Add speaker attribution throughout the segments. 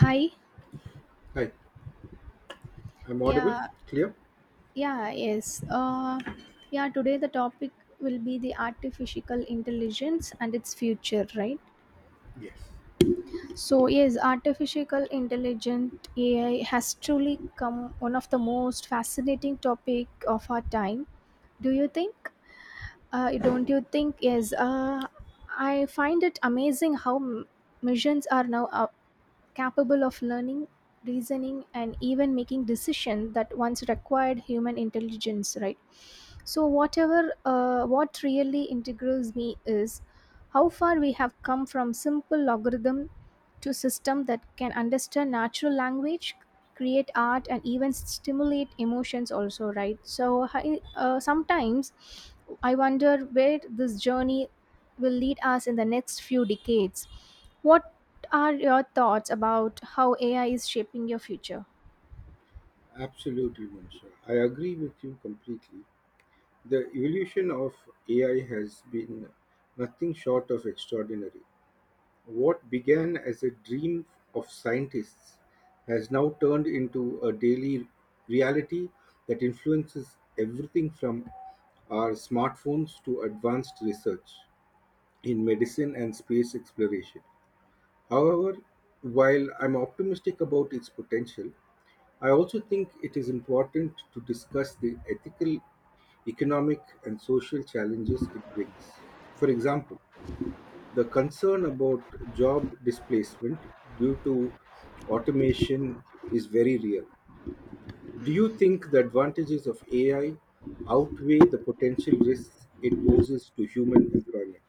Speaker 1: Hi.
Speaker 2: Hi, I'm audible,
Speaker 1: Yeah.
Speaker 2: clear?
Speaker 1: Yeah. Yes. Yeah. Today the topic will be the artificial intelligence and its future, right?
Speaker 2: Yes.
Speaker 1: So yes, artificial intelligent AI has truly come one of the most fascinating topic of our time. Do you think? Don't you think? Yes. I find it amazing how missions are now capable of learning, reasoning, and even making decisions that once required human intelligence, right? So, whatever, what really integrates me is how far we have come from simple logarithm to system that can understand natural language, create art and even stimulate emotions also, right? So I, sometimes I wonder where this journey will lead us in the next few decades. What are your thoughts about how AI is shaping your future?
Speaker 2: Absolutely, Manisha. I agree with you completely. The evolution of AI has been nothing short of extraordinary. What began as a dream of scientists has now turned into a daily reality that influences everything from our smartphones to advanced research in medicine and space exploration. However, while I'm optimistic about its potential, I also think it is important to discuss the ethical, economic, and social challenges it brings. For example, the concern about job displacement due to automation is very real. Do you think the advantages of AI outweigh the potential risks it poses to human employment?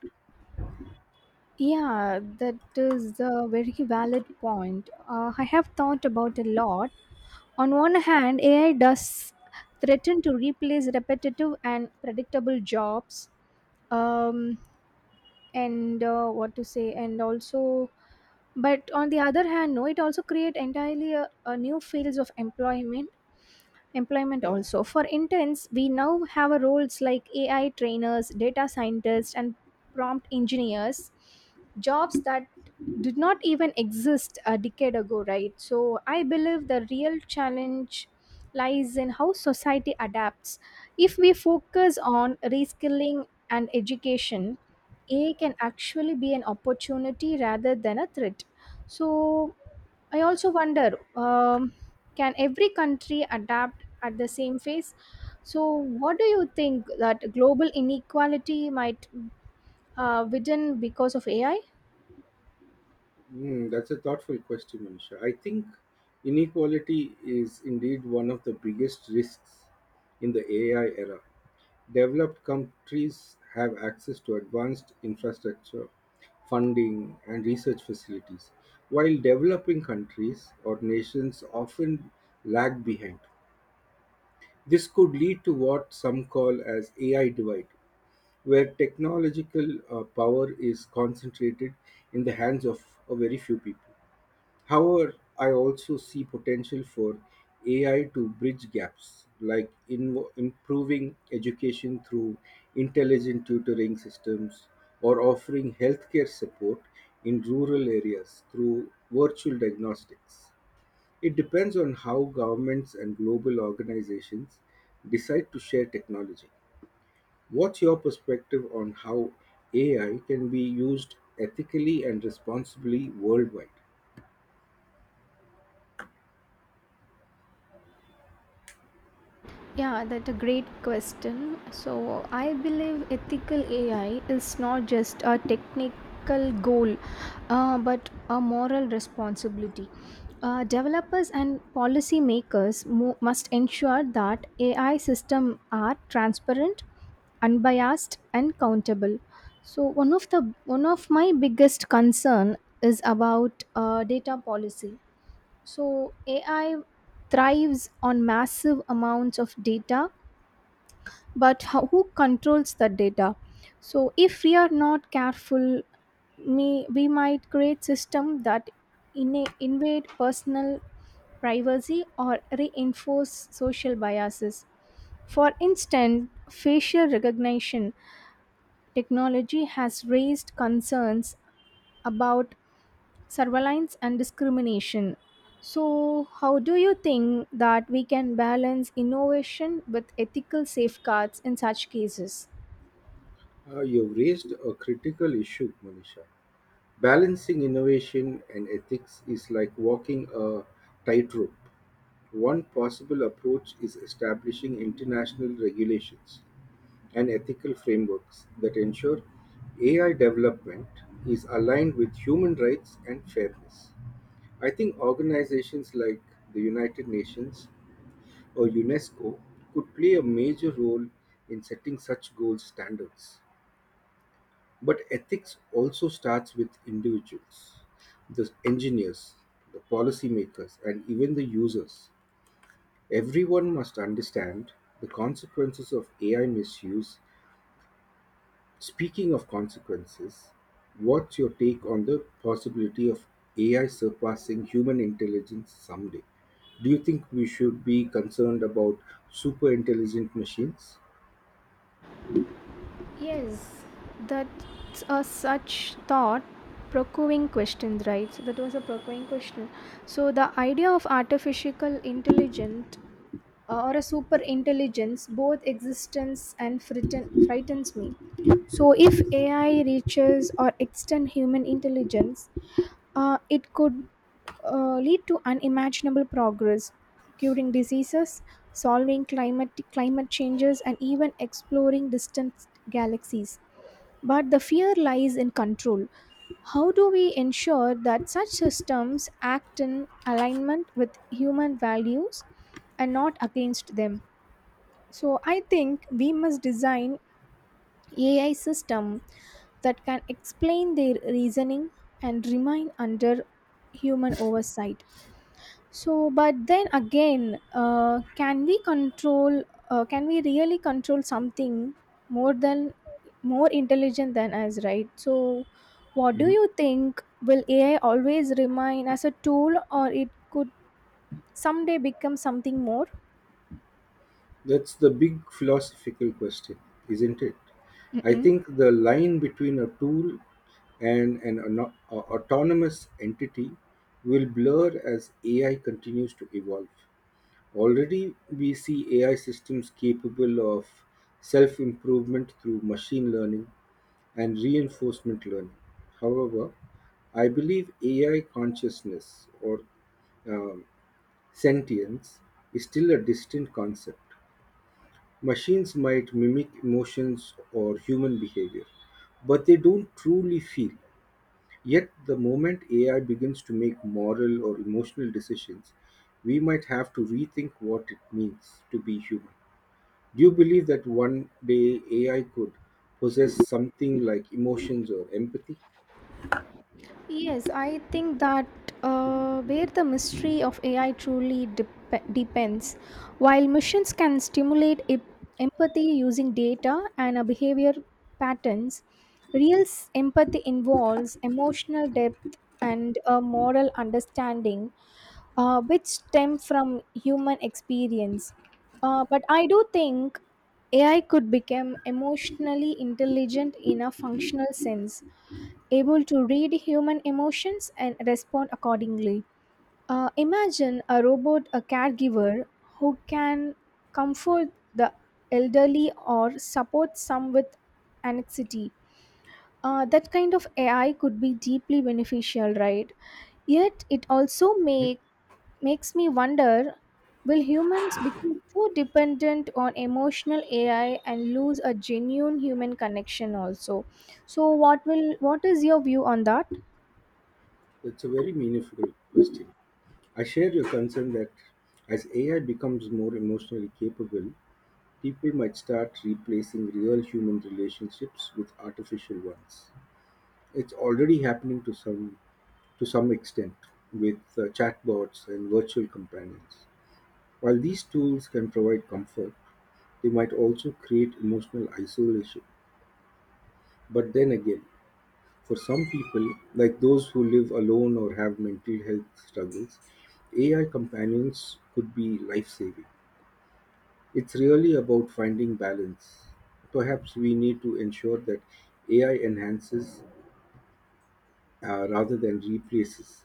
Speaker 1: Yeah, that is a very valid point. I have thought about a lot. On one hand, AI does threaten to replace repetitive and predictable jobs. um, and what to say, and also, but on the other hand, no, it also create entirely a new fields of employment, employment also for interns. We now have a roles like AI trainers, data scientists and prompt engineers, jobs that did not even exist a decade ago, right? So I believe the real challenge lies in how society adapts. If we focus on reskilling and education, AI can actually be an opportunity rather than a threat. So, I also wonder, can every country adapt at the same phase. So, what do you think that global inequality might widen because of AI?
Speaker 2: Hmm, that's a thoughtful question, Manisha. I think inequality is indeed one of the biggest risks in the AI era. Developed countries have access to advanced infrastructure, funding, and research facilities, while developing countries or nations often lag behind. This could lead to what some call as AI divide, where technological power is concentrated in the hands of a very few people. However, I also see potential for AI to bridge gaps, like in improving education through intelligent tutoring systems or offering healthcare support in rural areas through virtual diagnostics. It depends on how governments and global organizations decide to share technology. What's your perspective on how AI can be used ethically and responsibly worldwide?
Speaker 1: Yeah, that's a great question. So, I believe ethical AI is not just a technical goal, but a moral responsibility. Developers and policymakers must ensure that AI systems are transparent, unbiased and countable. So one of my biggest concern is about data policy. So AI thrives on massive amounts of data, but how, who controls the data? So if we are not careful, me, we might create system that invade personal privacy or reinforce social biases. For instance, facial recognition technology has raised concerns about surveillance and discrimination. So, how do you think that we can balance innovation with ethical safeguards in such cases?
Speaker 2: You've raised a critical issue, Manisha. Balancing innovation and ethics is like walking a tightrope. One possible approach is establishing international regulations and ethical frameworks that ensure AI development is aligned with human rights and fairness. I think organizations like the United Nations or UNESCO could play a major role in setting such goals standards. But ethics also starts with individuals, the engineers, the policymakers, and even the users. Everyone must understand the consequences of AI misuse. Speaking of consequences, what's your take on the possibility of AI surpassing human intelligence someday? Do you think we should be concerned about super intelligent machines?
Speaker 1: Yes, that's a such thought procuring question, right? So that was a procuring question. So the idea of artificial intelligence, or a super intelligence, both existence and frightens me. So if AI reaches or extend human intelligence, it could lead to unimaginable progress: curing diseases, solving climate changes and even exploring distant galaxies. But the fear lies in control. How do we ensure that such systems act in alignment with human values and not against them? So I think we must design AI system that can explain their reasoning and remain under human oversight. So, but then again, can we control? Can we really control something more than more intelligent than us? Right. So, what do you think? Will AI always remain as a tool, or it could someday become something more?
Speaker 2: That's the big philosophical question, isn't it? I
Speaker 1: Mm-mm.
Speaker 2: think the line between a tool and an autonomous entity will blur as AI continues to evolve. Already, we see AI systems capable of self improvement through machine learning and reinforcement learning. However, I believe AI consciousness or um, sentience is still a distant concept. Machines might mimic emotions or human behavior, but they don't truly feel. Yet, the moment AI begins to make moral or emotional decisions, we might have to rethink what it means to be human. Do you believe that one day AI could possess something like emotions or empathy?
Speaker 1: Yes, I think that, where the mystery of AI truly depends. While machines can stimulate empathy using data and behavior patterns, real empathy involves emotional depth and a moral understanding, which stem from human experience. But I do think AI could become emotionally intelligent in a functional sense, able to read human emotions and respond accordingly. Imagine a robot, a caregiver who can comfort the elderly or support some with anxiety. That kind of AI could be deeply beneficial, right? Yet it also makes me wonder: will humans become too dependent on emotional AI and lose a genuine human connection? Also, so what will what is your view on that?
Speaker 2: That's a very meaningful question. I share your concern that as AI becomes more emotionally capable, people might start replacing real human relationships with artificial ones. It's already happening to some extent with chatbots and virtual companions. While these tools can provide comfort, they might also create emotional isolation. But then again, for some people, like those who live alone or have mental health struggles, AI companions could be life saving. It's really about finding balance. Perhaps we need to ensure that AI enhances, rather than replaces,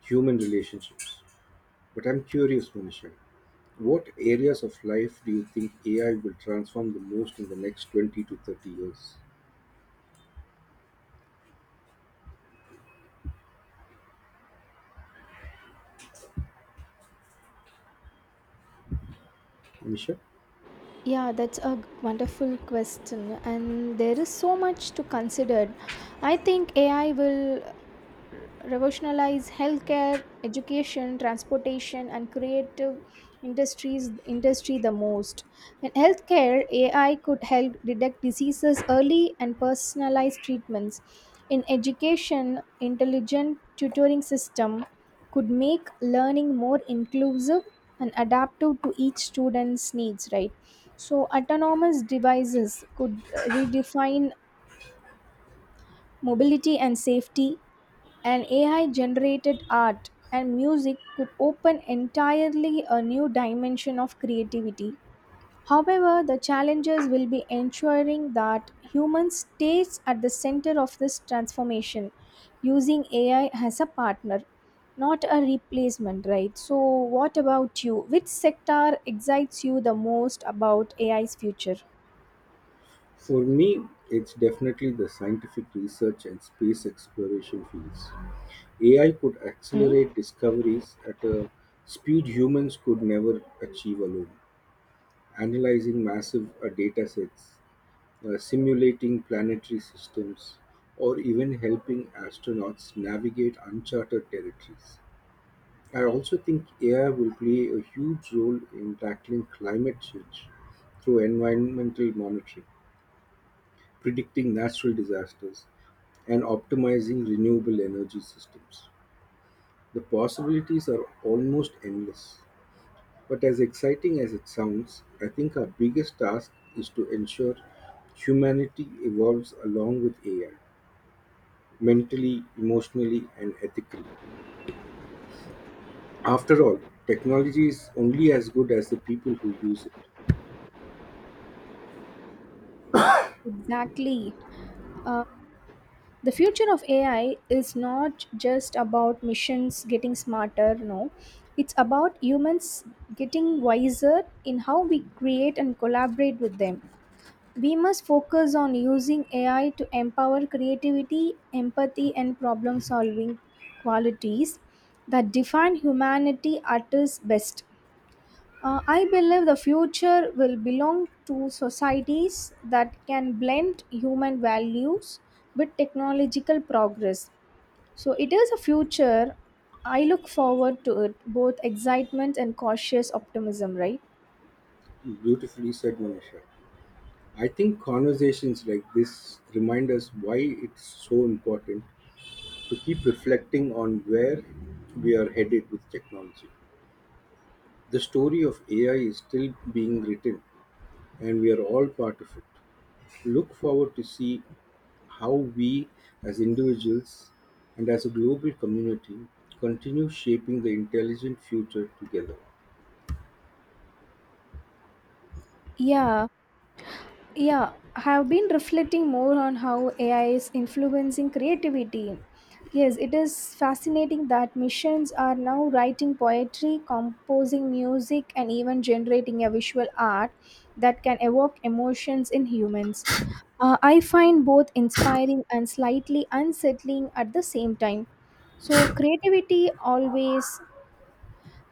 Speaker 2: human relationships. But I'm curious, Manisha, what areas of life do you think AI will transform the most in the next 20 to 30 years? Manisha?
Speaker 1: Yeah, that's a wonderful question, and there is so much to consider. I think AI will revolutionize healthcare, education, transportation, and creative industries industry the most. In healthcare, AI could help detect diseases early and personalize treatments. In education, intelligent tutoring system could make learning more inclusive and adaptive to each student's needs, right? So autonomous devices could redefine mobility and safety, and AI generated art and music could open entirely a new dimension of creativity. However, the challenges will be ensuring that humans stays at the center of this transformation, using AI as a partner, not a replacement, right? So what about you? Which sector excites you the most about AI's future?
Speaker 2: For me, it's definitely the scientific research and space exploration fields. AI could
Speaker 1: Hmm?
Speaker 2: accelerate discoveries at a speed humans could never achieve alone. Analyzing massive datasets, simulating planetary systems, or even helping astronauts navigate uncharted territories. I also think AI will play a huge role in tackling climate change through environmental monitoring, predicting natural disasters, and optimizing renewable energy systems. The possibilities are almost endless. But as exciting as it sounds, I think our biggest task is to ensure humanity evolves along with AI, mentally, emotionally, and ethically. After all, technology is only as good as the people who use it.
Speaker 1: Exactly. The future of AI is not just about machines getting smarter, no, it's about humans getting wiser in how we create and collaborate with them. We must focus on using AI to empower creativity, empathy and problem solving, qualities that define humanity at its best. I believe the future will belong to societies that can blend human values with technological progress. So it is a future. I look forward to it, both excitement and cautious optimism, right?
Speaker 2: Beautifully said, Manisha. I think conversations like this remind us why it's so important to keep reflecting on where we are headed with technology. The story of AI is still being written, and we are all part of it. Look forward to see how we, as individuals and as a global community, continue shaping the intelligent future together.
Speaker 1: Yeah, yeah, I have been reflecting more on how AI is influencing creativity. Yes, it is fascinating that machines are now writing poetry, composing music, and even generating a visual art that can evoke emotions in humans. I find both inspiring and slightly unsettling at the same time. So, creativity always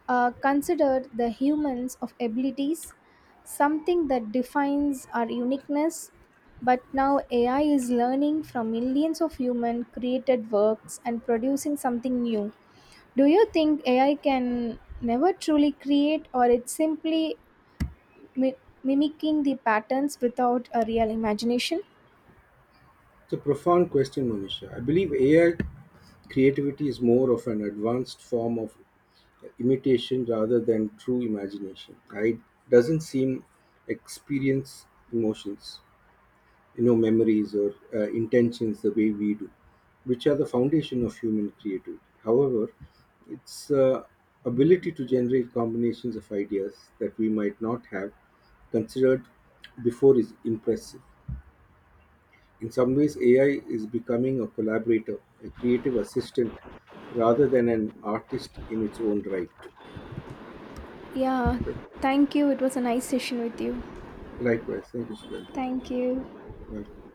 Speaker 1: considered the humans of abilities, something that defines our uniqueness. But now AI is learning from millions of human created works and producing something new. Do you think AI can never truly create, or it's simply mi- mimicking the patterns without a real imagination?
Speaker 2: It's a profound question, Monisha. I believe AI creativity is more of an advanced form of imitation rather than true imagination. It doesn't seem experience emotions, you know, memories or intentions the way we do, which are the foundation of human creativity. However, its ability to generate combinations of ideas that we might not have considered before is impressive. In some ways, AI is becoming a collaborator, a creative assistant, rather than an artist in its own right.
Speaker 1: Yeah, thank you. It was a nice session with you.
Speaker 2: Likewise, thank you, Sudhanti.
Speaker 1: Thank you.
Speaker 2: Welcome.